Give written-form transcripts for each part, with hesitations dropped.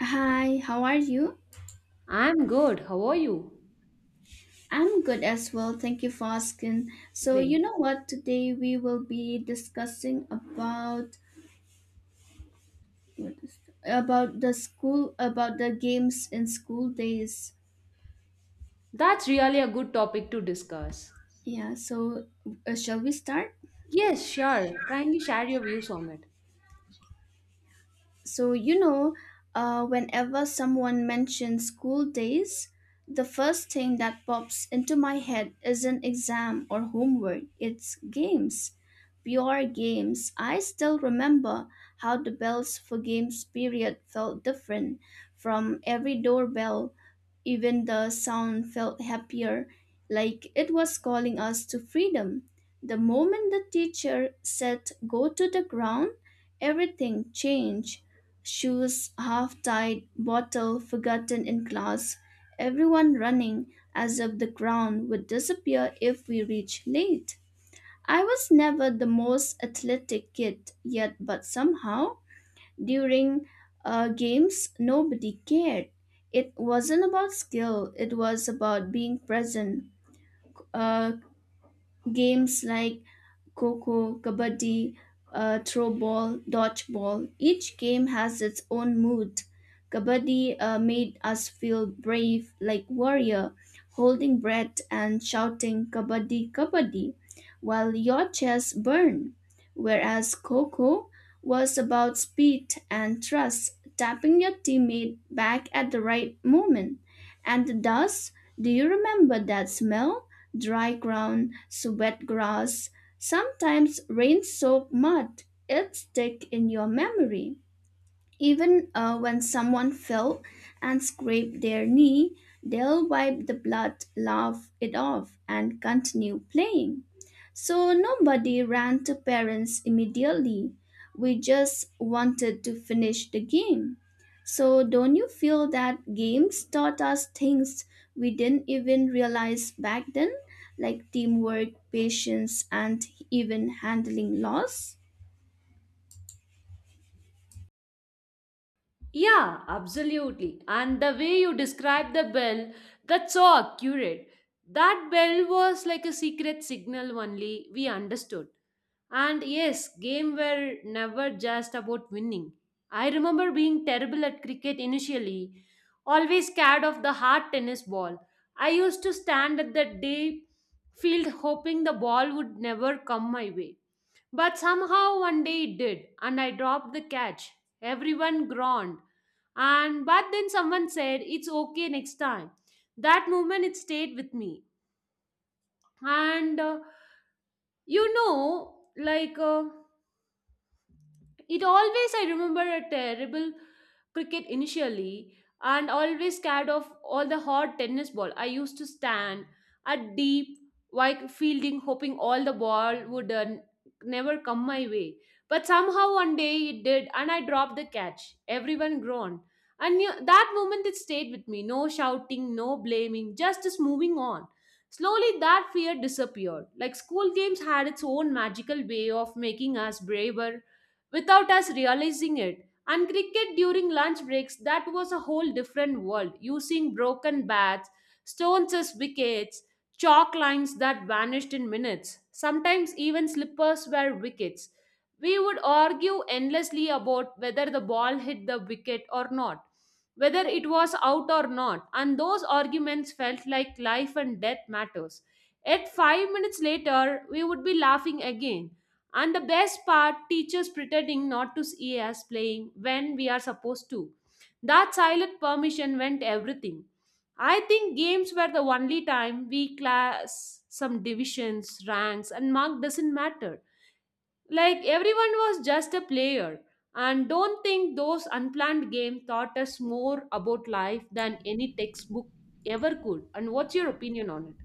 Hi, how are you? I'm good. How are you? I'm good as well. Thank you for asking. So, you Great. know what? Today we will be discussing about what is about the school, about the games in school days. That's really a good topic to discuss. Yeah, so shall we start? Yes, sure. Kindly share your views on it. So, whenever someone mentions school days, the first thing that pops into my head isn't exam or homework, it's games. Pure games. I still remember how the bells for games period felt different from every doorbell. Even the sound felt happier, like it was calling us to freedom. The moment the teacher said, "Go to the ground," everything changed, shoes half tied, bottle forgotten in class, everyone running as if the ground would disappear if we reached late. I was never the most athletic kid yet, but somehow during games nobody cared. It wasn't about skill, it was about being present. Uh, Games like Coco, Kabaddi, throw ball, dodgeball. Each game has its own mood. Kabaddi made us feel brave like warrior, holding breath and shouting Kabaddi, Kabaddi, while your chest burned. Whereas Coco was about speed and trust, tapping your teammate back at the right moment. And the dust, do you remember that smell? Dry ground, wet grass, sometimes rain soaked mud. It sticks in your memory. Even when someone fell and scraped their knee, they'll wipe the blood, laugh it off, and continue playing. So nobody ran to parents immediately. We just wanted to finish the game. So don't you feel that games taught us things we didn't even realize back then, like teamwork, patience, and even handling loss? Yeah, absolutely. And the way you described the bell, that's so accurate. That bell was like a secret signal only we understood. And yes, game were never just about winning. I remember being terrible at cricket initially, always scared of the hard tennis ball. I used to stand at the day field hoping the ball would never come my way. But somehow one day it did, and I dropped the catch. Everyone groaned, and but then someone said it's okay next time that moment it stayed with me and like it always, I remember a terrible cricket initially and always scared of all the hard tennis ball. I used to stand at deep, wide fielding, hoping all the ball would never come my way. But somehow one day it did, and I dropped the catch. Everyone groaned. And you, that moment it stayed with me. No shouting, no blaming, just moving on. Slowly that fear disappeared. Like school games had its own magical way of making us braver without us realizing it. And cricket during lunch breaks, that was a whole different world, using broken bats, stones as wickets, chalk lines that vanished in minutes. Sometimes even slippers were wickets. We would argue endlessly about whether the ball hit the wicket or not, whether it was out or not, and those arguments felt like life and death matters. Yet, 5 minutes later, we would be laughing again, and the best part, teachers pretending not to see us playing when we are supposed to. That silent permission meant everything. I think games were the only time we class some divisions, ranks, and mark doesn't matter. Like everyone was just a player. And don't think those unplanned games taught us more about life than any textbook ever could. And what's your opinion on it?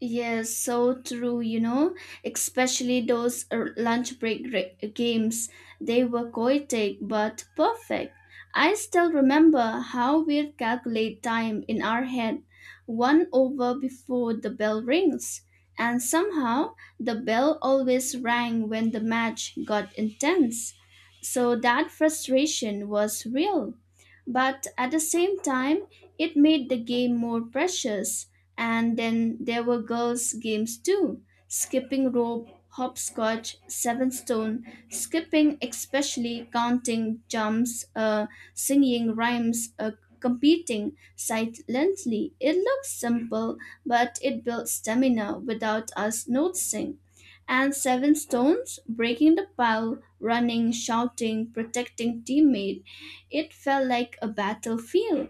Yes, so true, you know, especially those lunch break games. They were chaotic but perfect. I still remember how we calculate time in our head, one over before the bell rings. And somehow, the bell always rang when the match got intense. So that frustration was real. But at the same time, it made the game more precious. And then there were girls' games too, skipping rope, hopscotch, seven stone, skipping, especially counting jumps, singing rhymes, competing silently. It looks simple, but it builds stamina without us noticing. And seven stones, breaking the pile, running, shouting, protecting teammate. It felt like a battlefield.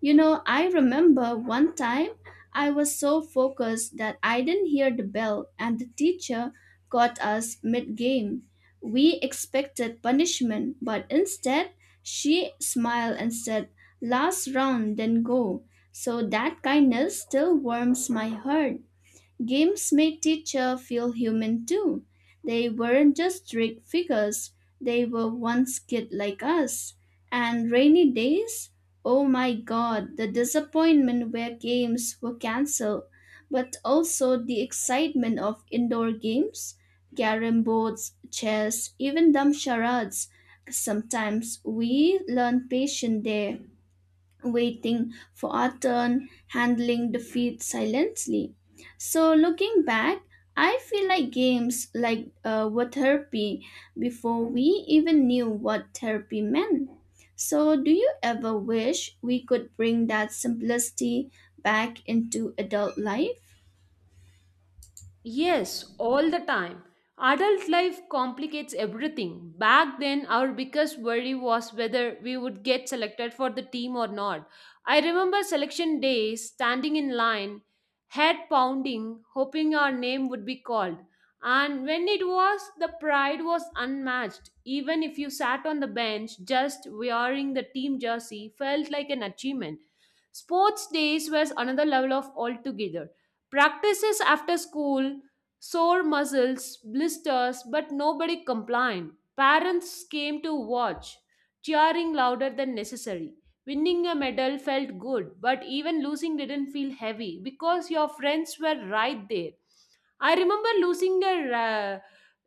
You know, I remember one time I was so focused that I didn't hear the bell and the teacher caught us mid game. We expected punishment, but instead she smiled and said, "Last round, then go." So that kindness still warms my heart. Games made teacher feel human too. They weren't just strict figures, they were once kid like us. And rainy days? Oh my god, the disappointment where games were cancelled, but also the excitement of indoor games, carrom boards, chess, even dumb charades. Sometimes we learn patience there, waiting for our turn, handling defeat silently. So, looking back, I feel like games were therapy before we even knew what therapy meant. So, do you ever wish we could bring that simplicity back into adult life? Yes, all the time. Adult life complicates everything. Back then, our biggest worry was whether we would get selected for the team or not. I remember selection day, standing in line, head pounding, hoping our name would be called. And when it was, the pride was unmatched. Even if you sat on the bench, just wearing the team jersey felt like an achievement. Sports days was another level of altogether. Practices after school, sore muscles, blisters, but nobody complained. Parents came to watch, cheering louder than necessary. Winning a medal felt good, but even losing didn't feel heavy because your friends were right there. I remember losing a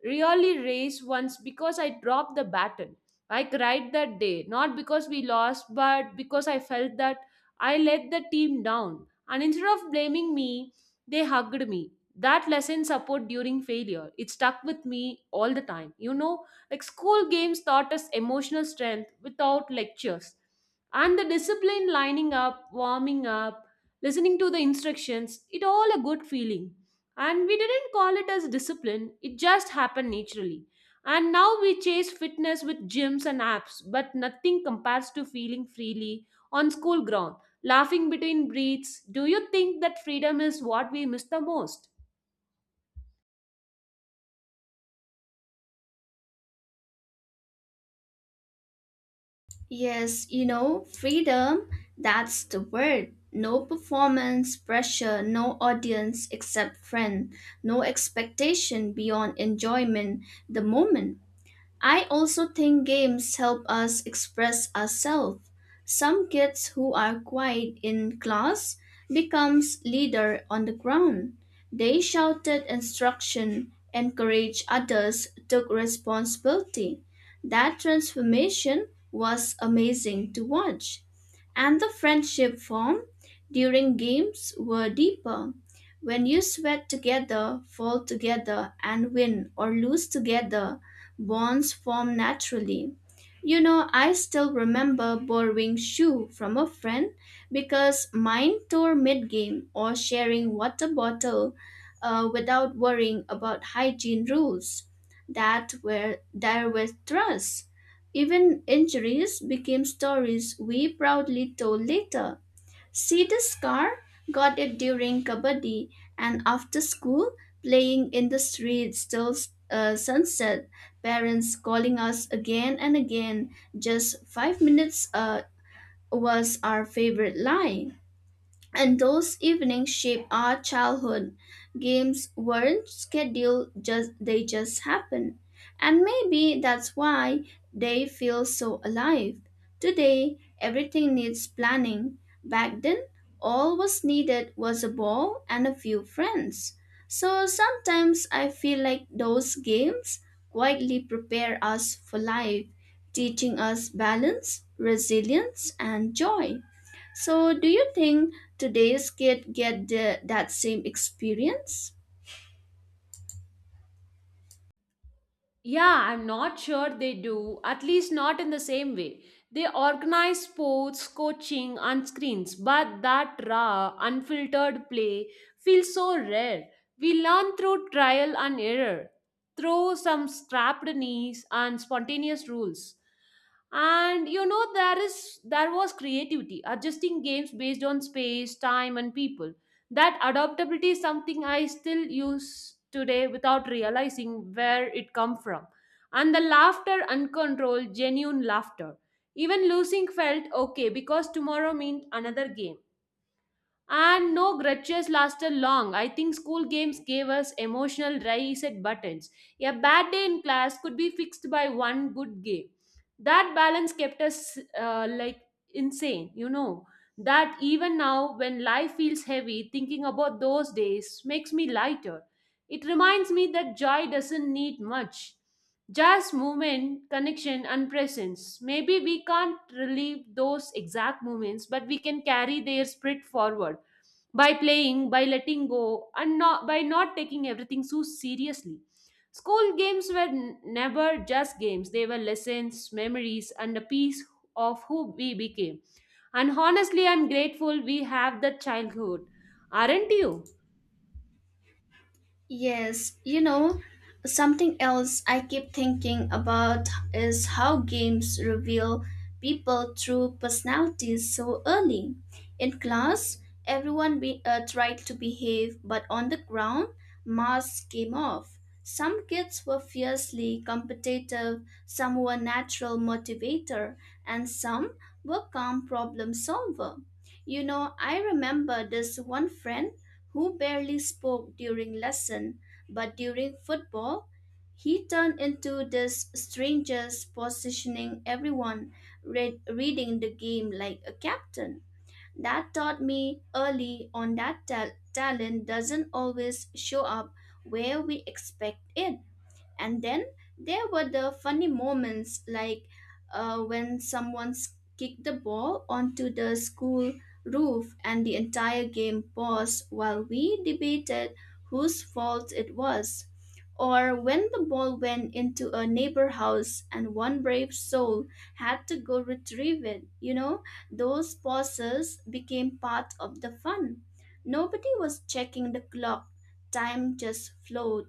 really race once because I dropped the baton. I cried that day, not because we lost, but because I felt that I let the team down. And instead of blaming me, they hugged me. That lesson support during failure, it stuck with me all the time. You know, like school games taught us emotional strength without lectures. And the discipline lining up, warming up, listening to the instructions, it all a good feeling. And we didn't call it as discipline, it just happened naturally. And now we chase fitness with gyms and apps, but nothing compares to feeling freely on school ground, laughing between breaths. Do you think that freedom is what we miss the most? Yes, you know, freedom, that's the word. No performance pressure, no audience except friend, no expectation beyond enjoyment the moment. I also think games help us express ourselves. Some kids who are quiet in class becomes leader on the ground. They shouted instruction, encouraged others, took responsibility. That transformation was amazing to watch. And the friendship formed during games were deeper. When you sweat together, fall together, and win or lose together, bonds form naturally. You know, I still remember borrowing shoe from a friend because mine tore mid-game or sharing water bottle without worrying about hygiene rules that were there were thrusts. Even injuries became stories we proudly told later. See the scar? Got it during kabaddi. And after school, playing in the streets till sunset. Parents calling us again and again. "Just 5 minutes" was our favorite line. And those evenings shaped our childhood. Games weren't scheduled, just they just happened. And maybe that's why they feel so alive. Today, everything needs planning. Back then, all was needed was a ball and a few friends. So sometimes I feel like those games quietly prepare us for life, teaching us balance, resilience, and joy. So, do you think today's kid get the, that same experience? Yeah, I'm not sure they do, at least not in the same way. They organize sports, coaching, and screens, but that raw, unfiltered play feels so rare. We learn through trial and error, through some scrapped knees and spontaneous rules. And you know, there was creativity, adjusting games based on space, time, and people. That adaptability is something I still use today without realizing where it come from. And the laughter, uncontrolled genuine laughter, even losing felt okay because tomorrow meant another game, and no grudges lasted long. I think school games gave us emotional reset buttons. A bad day in class could be fixed by one good game. That balance kept us like insane. That even now, when life feels heavy, thinking about those days makes me lighter. It reminds me that joy doesn't need much. Just movement, connection, and presence. Maybe we can't relive those exact moments, but we can carry their spirit forward by playing, by letting go, and not, by not taking everything so seriously. School games were never just games, they were lessons, memories, and a piece of who we became. And honestly, I'm grateful we have that childhood. Aren't you? Yes, you know, something else I keep thinking about is how games reveal people true personalities so early. In class, everyone tried to behave, but on the ground, masks came off. Some kids were fiercely competitive, some were natural motivator, and some were calm problem solver. You know, I remember this one friend who barely spoke during lesson, but during football, he turned into this stranger positioning everyone, reading the game like a captain. That taught me early on that talent doesn't always show up where we expect it. And then there were the funny moments like when someone kicked the ball onto the school roof and the entire game paused while we debated whose fault it was, or when the ball went into a neighbor house and one brave soul had to go retrieve it. You know, those pauses became part of the fun. Nobody was checking the clock, time just flowed.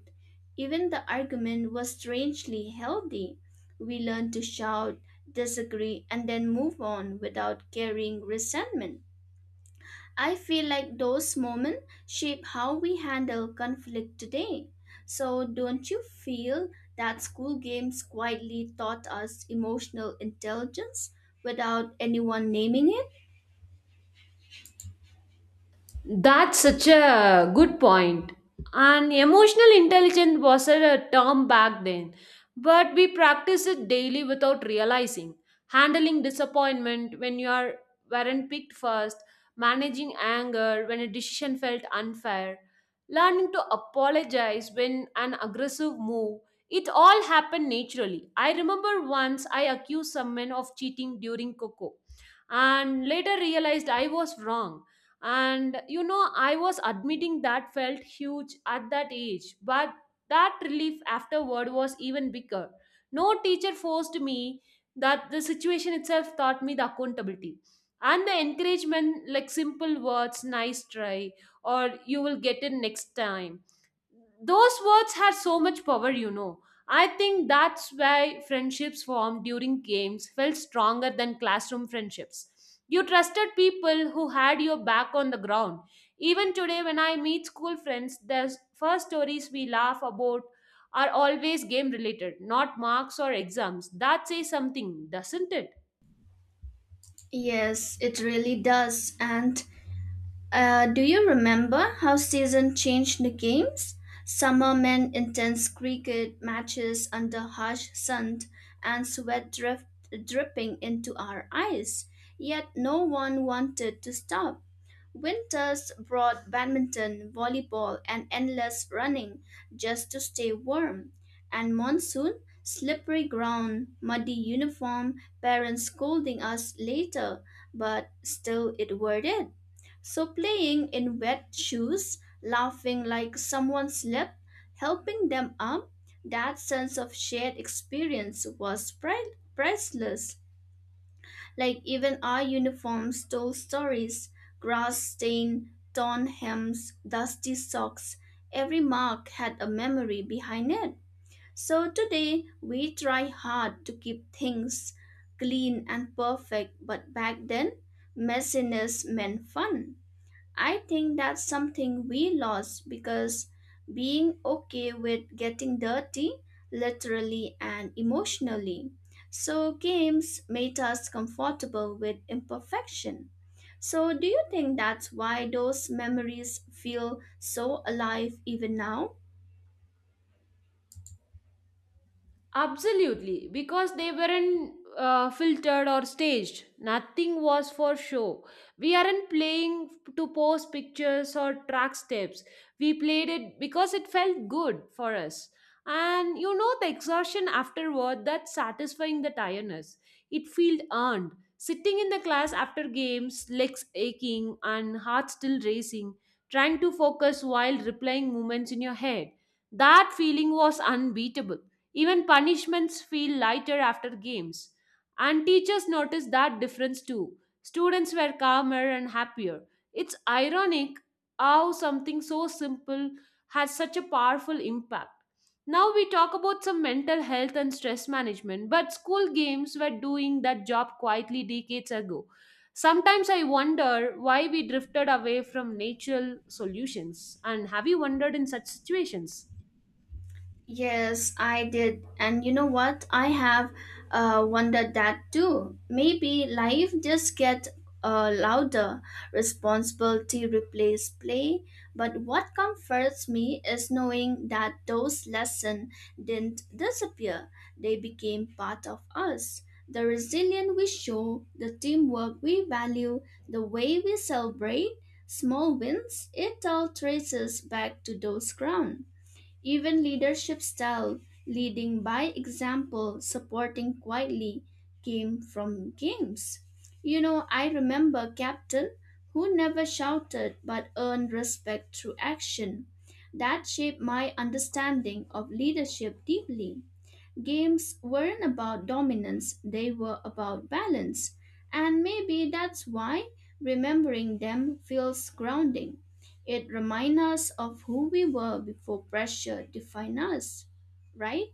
Even the argument was strangely healthy. We learned to shout, disagree, and then move on without carrying resentment. I feel like those moments shape how we handle conflict today. So, don't you feel that school games quietly taught us emotional intelligence without anyone naming it? That's such a good point. And emotional intelligence was a term back then, but we practice it daily without realizing. Handling disappointment when you are weren't picked first, managing anger when a decision felt unfair, learning to apologize when an aggressive move. It all happened naturally. I remember once I accused someone of cheating during Coco and later realized I was wrong. And I was admitting that felt huge at that age, but that relief afterward was even bigger. No teacher forced me, that the situation itself taught me the accountability. And the encouragement, like simple words, nice try, or you will get it next time, those words had so much power. I think that's why friendships formed during games felt stronger than classroom friendships. You trusted people who had your back on the ground. Even today, when I meet school friends, the first stories we laugh about are always game related, not marks or exams. That says something, doesn't it? Yes, it really does. And do you remember how season changed the games? Summer meant intense cricket matches under harsh sun and sweat drift, dripping into our eyes. Yet no one wanted to stop. Winters brought badminton, volleyball, and endless running just to stay warm. And monsoon, slippery ground, muddy uniform, parents scolding us later, but still it worth it. So playing in wet shoes, laughing like someone slipped, helping them up, that sense of shared experience was priceless. Like even our uniforms told stories, grass stain, torn hems, dusty socks, every mark had a memory behind it. So today we try hard to keep things clean and perfect, but back then messiness meant fun. I think that's something we lost, because being okay with getting dirty, literally and emotionally. So, games made us comfortable with imperfection. So, do you think that's why those memories feel so alive even now? Absolutely, because they weren't filtered or staged. Nothing was for show. We aren't playing to post pictures or track steps. We played it because it felt good for us. And you know the exhaustion afterward, that satisfying the tiredness. It felt earned. Sitting in the class after games, legs aching and heart still racing, trying to focus while replaying moments in your head. That feeling was unbeatable. Even punishments feel lighter after games. And teachers noticed that difference too. Students were calmer and happier. It's ironic how something so simple has such a powerful impact. Now we talk about some mental health and stress management, but school games were doing that job quietly decades ago. Sometimes I wonder why we drifted away from natural solutions. And have you wondered in such situations? Yes, I did. And you know what? I have wondered that too. Maybe life just get louder, responsibility replace play. But what comforts me is knowing that those lessons didn't disappear. They became part of us. The resilience we show, the teamwork we value, the way we celebrate small wins, it all traces back to those ground. Even leadership style, leading by example, supporting quietly, came from games. You know, I remember captain who never shouted but earned respect through action. That shaped my understanding of leadership deeply. Games weren't about dominance, they were about balance. And maybe that's why remembering them feels grounding. It reminds us of who we were before pressure defined us, right?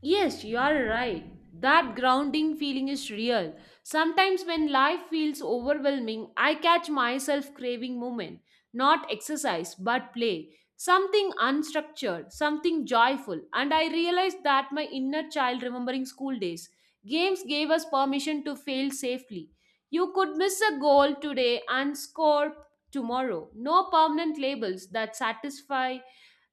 Yes, you are right. That grounding feeling is real. Sometimes when life feels overwhelming, I catch myself craving movement, not exercise, but play, something unstructured, something joyful. And I realized that my inner child remembering school days. Games gave us permission to fail safely. You could miss a goal today and score tomorrow. No permanent labels that satisfy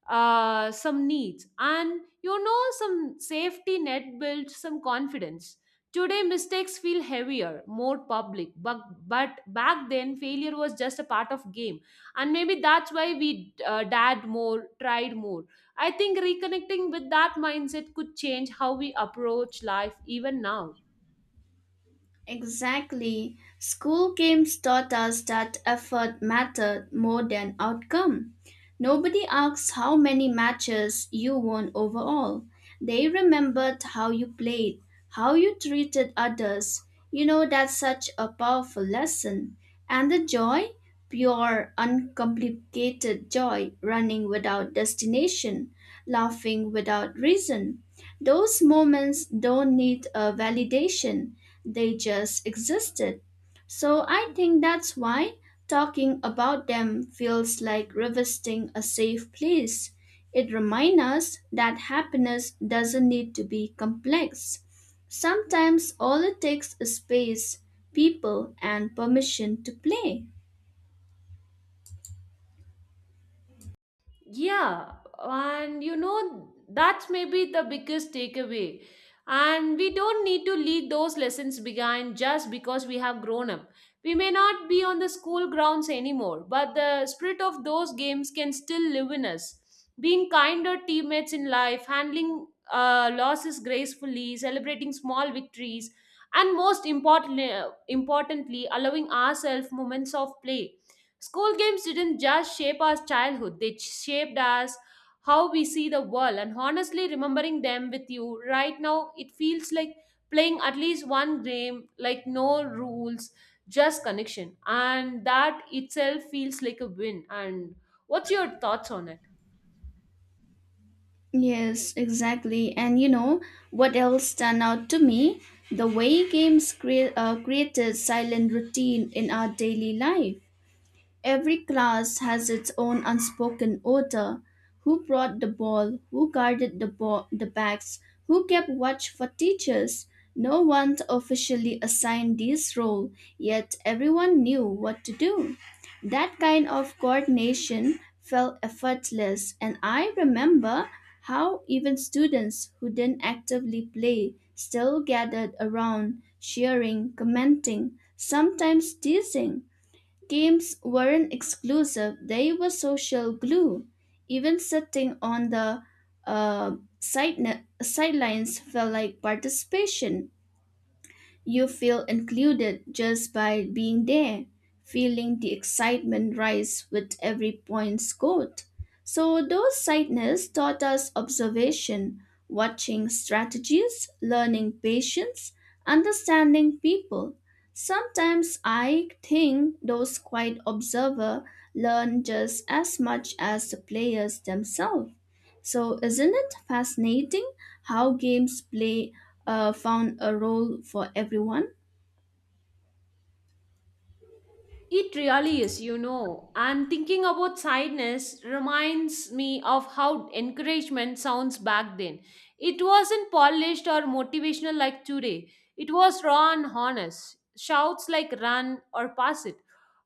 some needs. And some safety net builds some confidence. Today mistakes feel heavier, more public, but back then failure was just a part of game. And maybe that's why we dared more, tried more. I think reconnecting with that mindset could change how we approach life even now. Exactly. School games taught us that effort mattered more than outcome. Nobody asks how many matches you won overall. They remembered how you played, how you treated others. You know, that's such a powerful lesson. And the joy? Pure, uncomplicated joy, running without destination, laughing without reason. Those moments don't need a validation, they just existed. So I think that's why talking about them feels like revisiting a safe place. It reminds us that happiness doesn't need to be complex. Sometimes all it takes is space, people, and permission to play. Yeah, and that's maybe the biggest takeaway. And we don't need to leave those lessons behind just because we have grown up. We may not be on the school grounds anymore, but the spirit of those games can still live in us. Being kinder teammates in life, handling losses gracefully, celebrating small victories, and most importantly, allowing ourselves moments of play. School games didn't just shape our childhood, they shaped us how we see the world. And honestly, remembering them with you right now, it feels like playing at least one game, like no rules, just connection. And that itself feels like a win. And what's your thoughts on it? Yes, exactly. And you know what else stand out to me? The way games created silent routine in our daily life. Every class has its own unspoken order. Who brought the ball? Who guarded ball, the bags? Who kept watch for teachers? No one officially assigned this role, yet everyone knew what to do. That kind of coordination felt effortless, and I remember how even students who didn't actively play still gathered around, cheering, commenting, sometimes teasing. Games weren't exclusive, they were social glue. Even sitting on the sidelines felt like participation. You feel included just by being there, feeling the excitement rise with every point scored. So, those sights taught us observation, watching strategies, learning patience, understanding people. Sometimes I think those quiet observers learn just as much as the players themselves. So, isn't it fascinating how games play found a role for everyone? It really is. And thinking about sadness reminds me of how encouragement sounds back then. It wasn't polished or motivational like today, it was raw and honest. Shouts like run or pass it,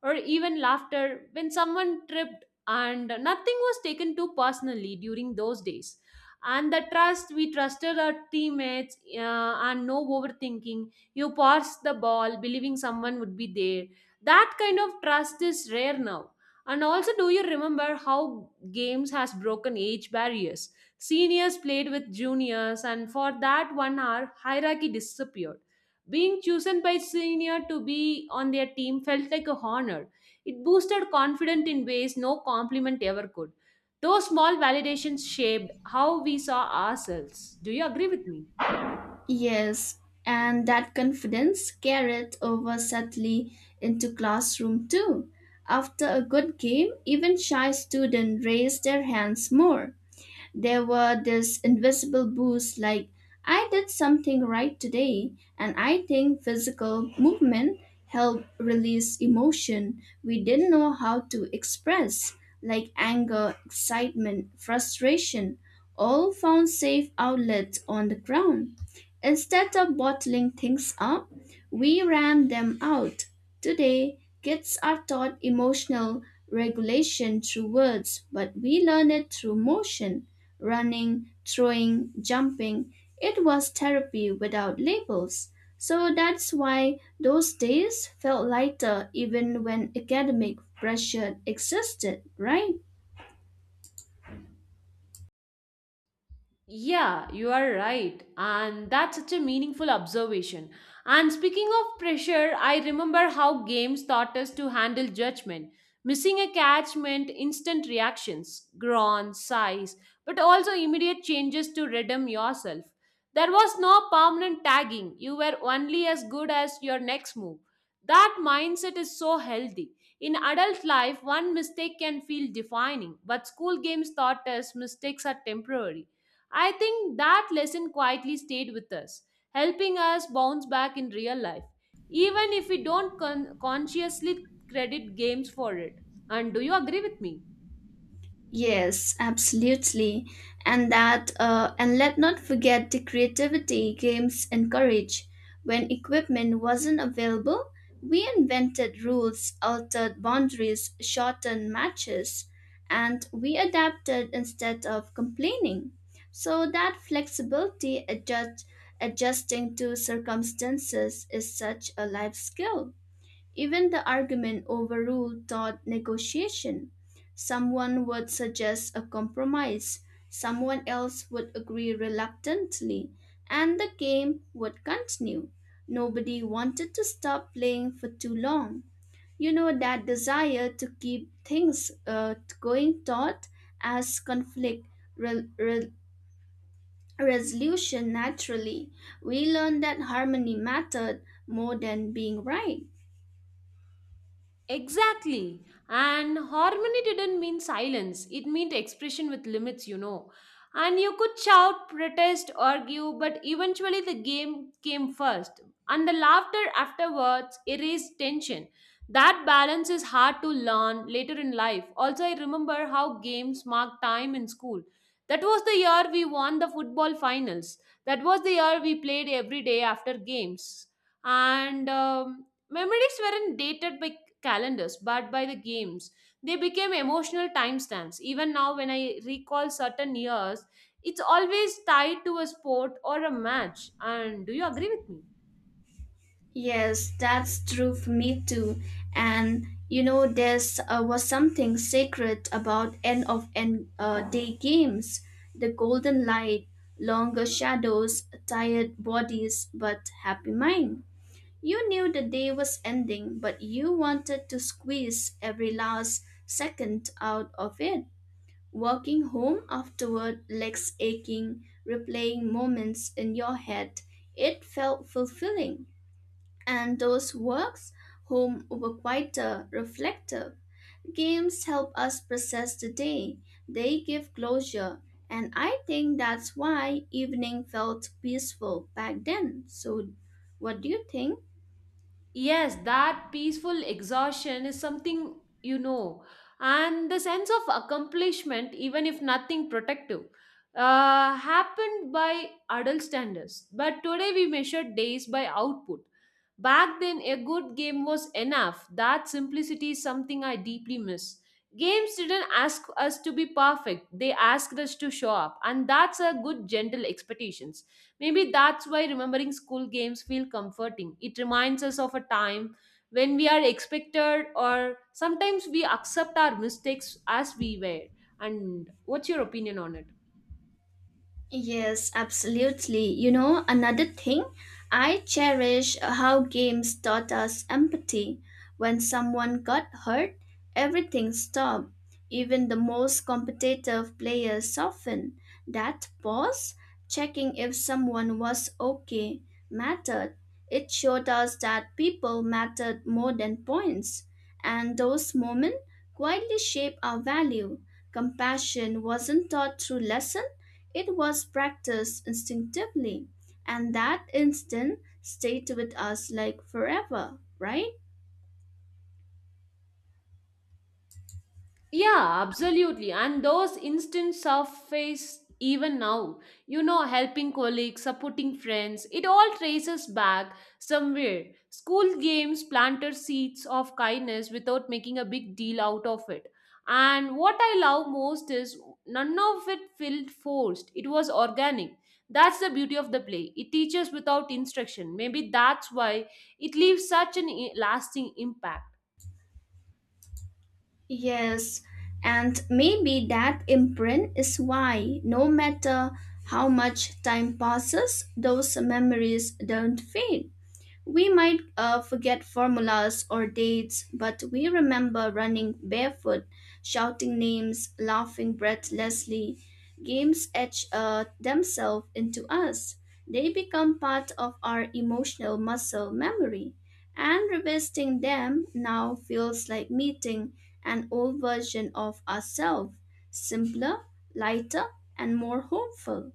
or even laughter when someone tripped, and nothing was taken too personally during those days. And the trust, we trusted our teammates, and no overthinking. You passed the ball believing someone would be there. That kind of trust is rare now. And also, do you remember how games has broken age barriers? Seniors played with juniors, and for that one hour hierarchy disappeared. Being chosen by senior to be on their team felt like a honor. It boosted confidence in ways no compliment ever could. Those small validations shaped how we saw ourselves. Do you agree with me? Yes, and that confidence carried over subtly into classroom too. After a good game, even shy students raised their hands more. There were this invisible boost like I did something right today, and I think physical movement helped release emotion we didn't know how to express, like anger, excitement, frustration, all found safe outlets on the ground. Instead of bottling things up, we ran them out. Today, kids are taught emotional regulation through words, but we learn it through motion, running, throwing, jumping. It was therapy without labels. So that's why those days felt lighter even when academic pressure existed, right? Yeah, you are right. And that's such a meaningful observation. And speaking of pressure, I remember how games taught us to handle judgment. Missing a catch meant instant reactions, groan, sighs, but also immediate changes to redeem yourself. There was no permanent tagging. You were only as good as your next move. That mindset is so healthy. In adult life, one mistake can feel defining, but school games taught us mistakes are temporary. I think that lesson quietly stayed with us, helping us bounce back in real life, even if we don't consciously credit games for it. And do you agree with me? Yes, absolutely. And that, and let not forget the creativity games encourage. When equipment wasn't available, we invented rules, altered boundaries, shortened matches, and we adapted instead of complaining. So that flexibility adjusting to circumstances is such a life skill. Even the argument over rule taught negotiation. Someone would suggest a compromise, someone else would agree reluctantly, and the game would continue. Nobody wanted to stop playing for too long. You know, that desire to keep things going taught as conflict re- re- resolution naturally. We learned that harmony mattered more than being right. Exactly. And harmony didn't mean silence, it meant expression with limits. And you could shout, protest, argue, but eventually the game came first. And the laughter afterwards erased tension. That balance is hard to learn later in life. Also, I remember how games marked time in school. That was the year we won the football finals. That was the year we played every day after games. And Memories weren't dated by calendars but by the games. They became emotional timestamps. Even now, when I recall certain years, it's always tied to a sport or a match. And do you agree with me? Yes, that's true for me too. And you know, there's was something sacred about end of end day games. The golden light, longer shadows, tired bodies, but happy mind. You knew the day was ending, but you wanted to squeeze every last second out of it. Walking home afterward, legs aching, replaying moments in your head, it felt fulfilling. And those works home were quieter, reflective. Games help us process the day, they give closure, and I think that's why evening felt peaceful back then. So, what do you think? Yes, that peaceful exhaustion is something, and the sense of accomplishment, even if nothing protective, happened by adult standards. But today we measure days by output. Back then, a good game was enough. That simplicity is something I deeply miss. Games didn't ask us to be perfect, they asked us to show up, and that's a good, gentle expectations. Maybe that's why remembering school games feel comforting. It reminds us of a time when we are expected or sometimes we accept our mistakes as we were. And what's your opinion on it? Yes, absolutely. You know, another thing, I cherish how games taught us empathy. When someone got hurt, everything stopped. Even the most competitive players softened. That pause, checking if someone was okay, mattered. It showed us that people mattered more than points. And those moments quietly shape our value. Compassion wasn't taught through lessons, it was practiced instinctively, and that instinct stayed with us like forever, right? Yeah, absolutely. And those instants surface even now. Helping colleagues, supporting friends, it all traces back somewhere. School games planted seeds of kindness without making a big deal out of it. And what I love most is none of it felt forced, it was organic. That's the beauty of the play. It teaches without instruction. Maybe that's why it leaves such an lasting impact. Yes, and maybe that imprint is why, no matter how much time passes, those memories don't fade. We might forget formulas or dates, but we remember running barefoot, shouting names, laughing breathlessly. Games etch themselves into us. They become part of our emotional muscle memory. And revisiting them now feels like meeting an old version of ourselves, simpler, lighter, and more hopeful.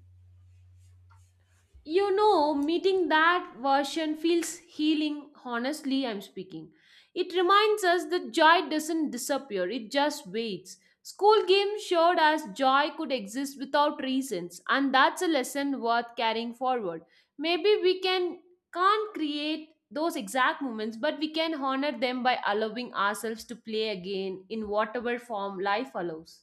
You know, meeting that version feels healing. Honestly, I'm speaking, it reminds us that joy doesn't disappear, it just waits. School games showed us joy could exist without reasons, and that's a lesson worth carrying forward. Maybe we can't create those exact moments, but we can honor them by allowing ourselves to play again in whatever form life allows.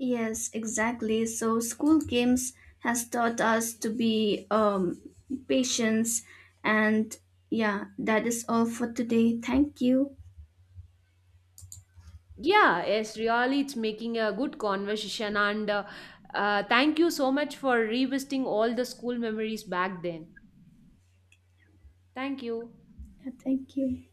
Yes, exactly. So school games has taught us to be patience and yeah, that is all for today. Thank you. Yeah, yes, really, it's making a good conversation. And thank you so much for revisiting all the school memories back then. Thank you. Yeah, thank you.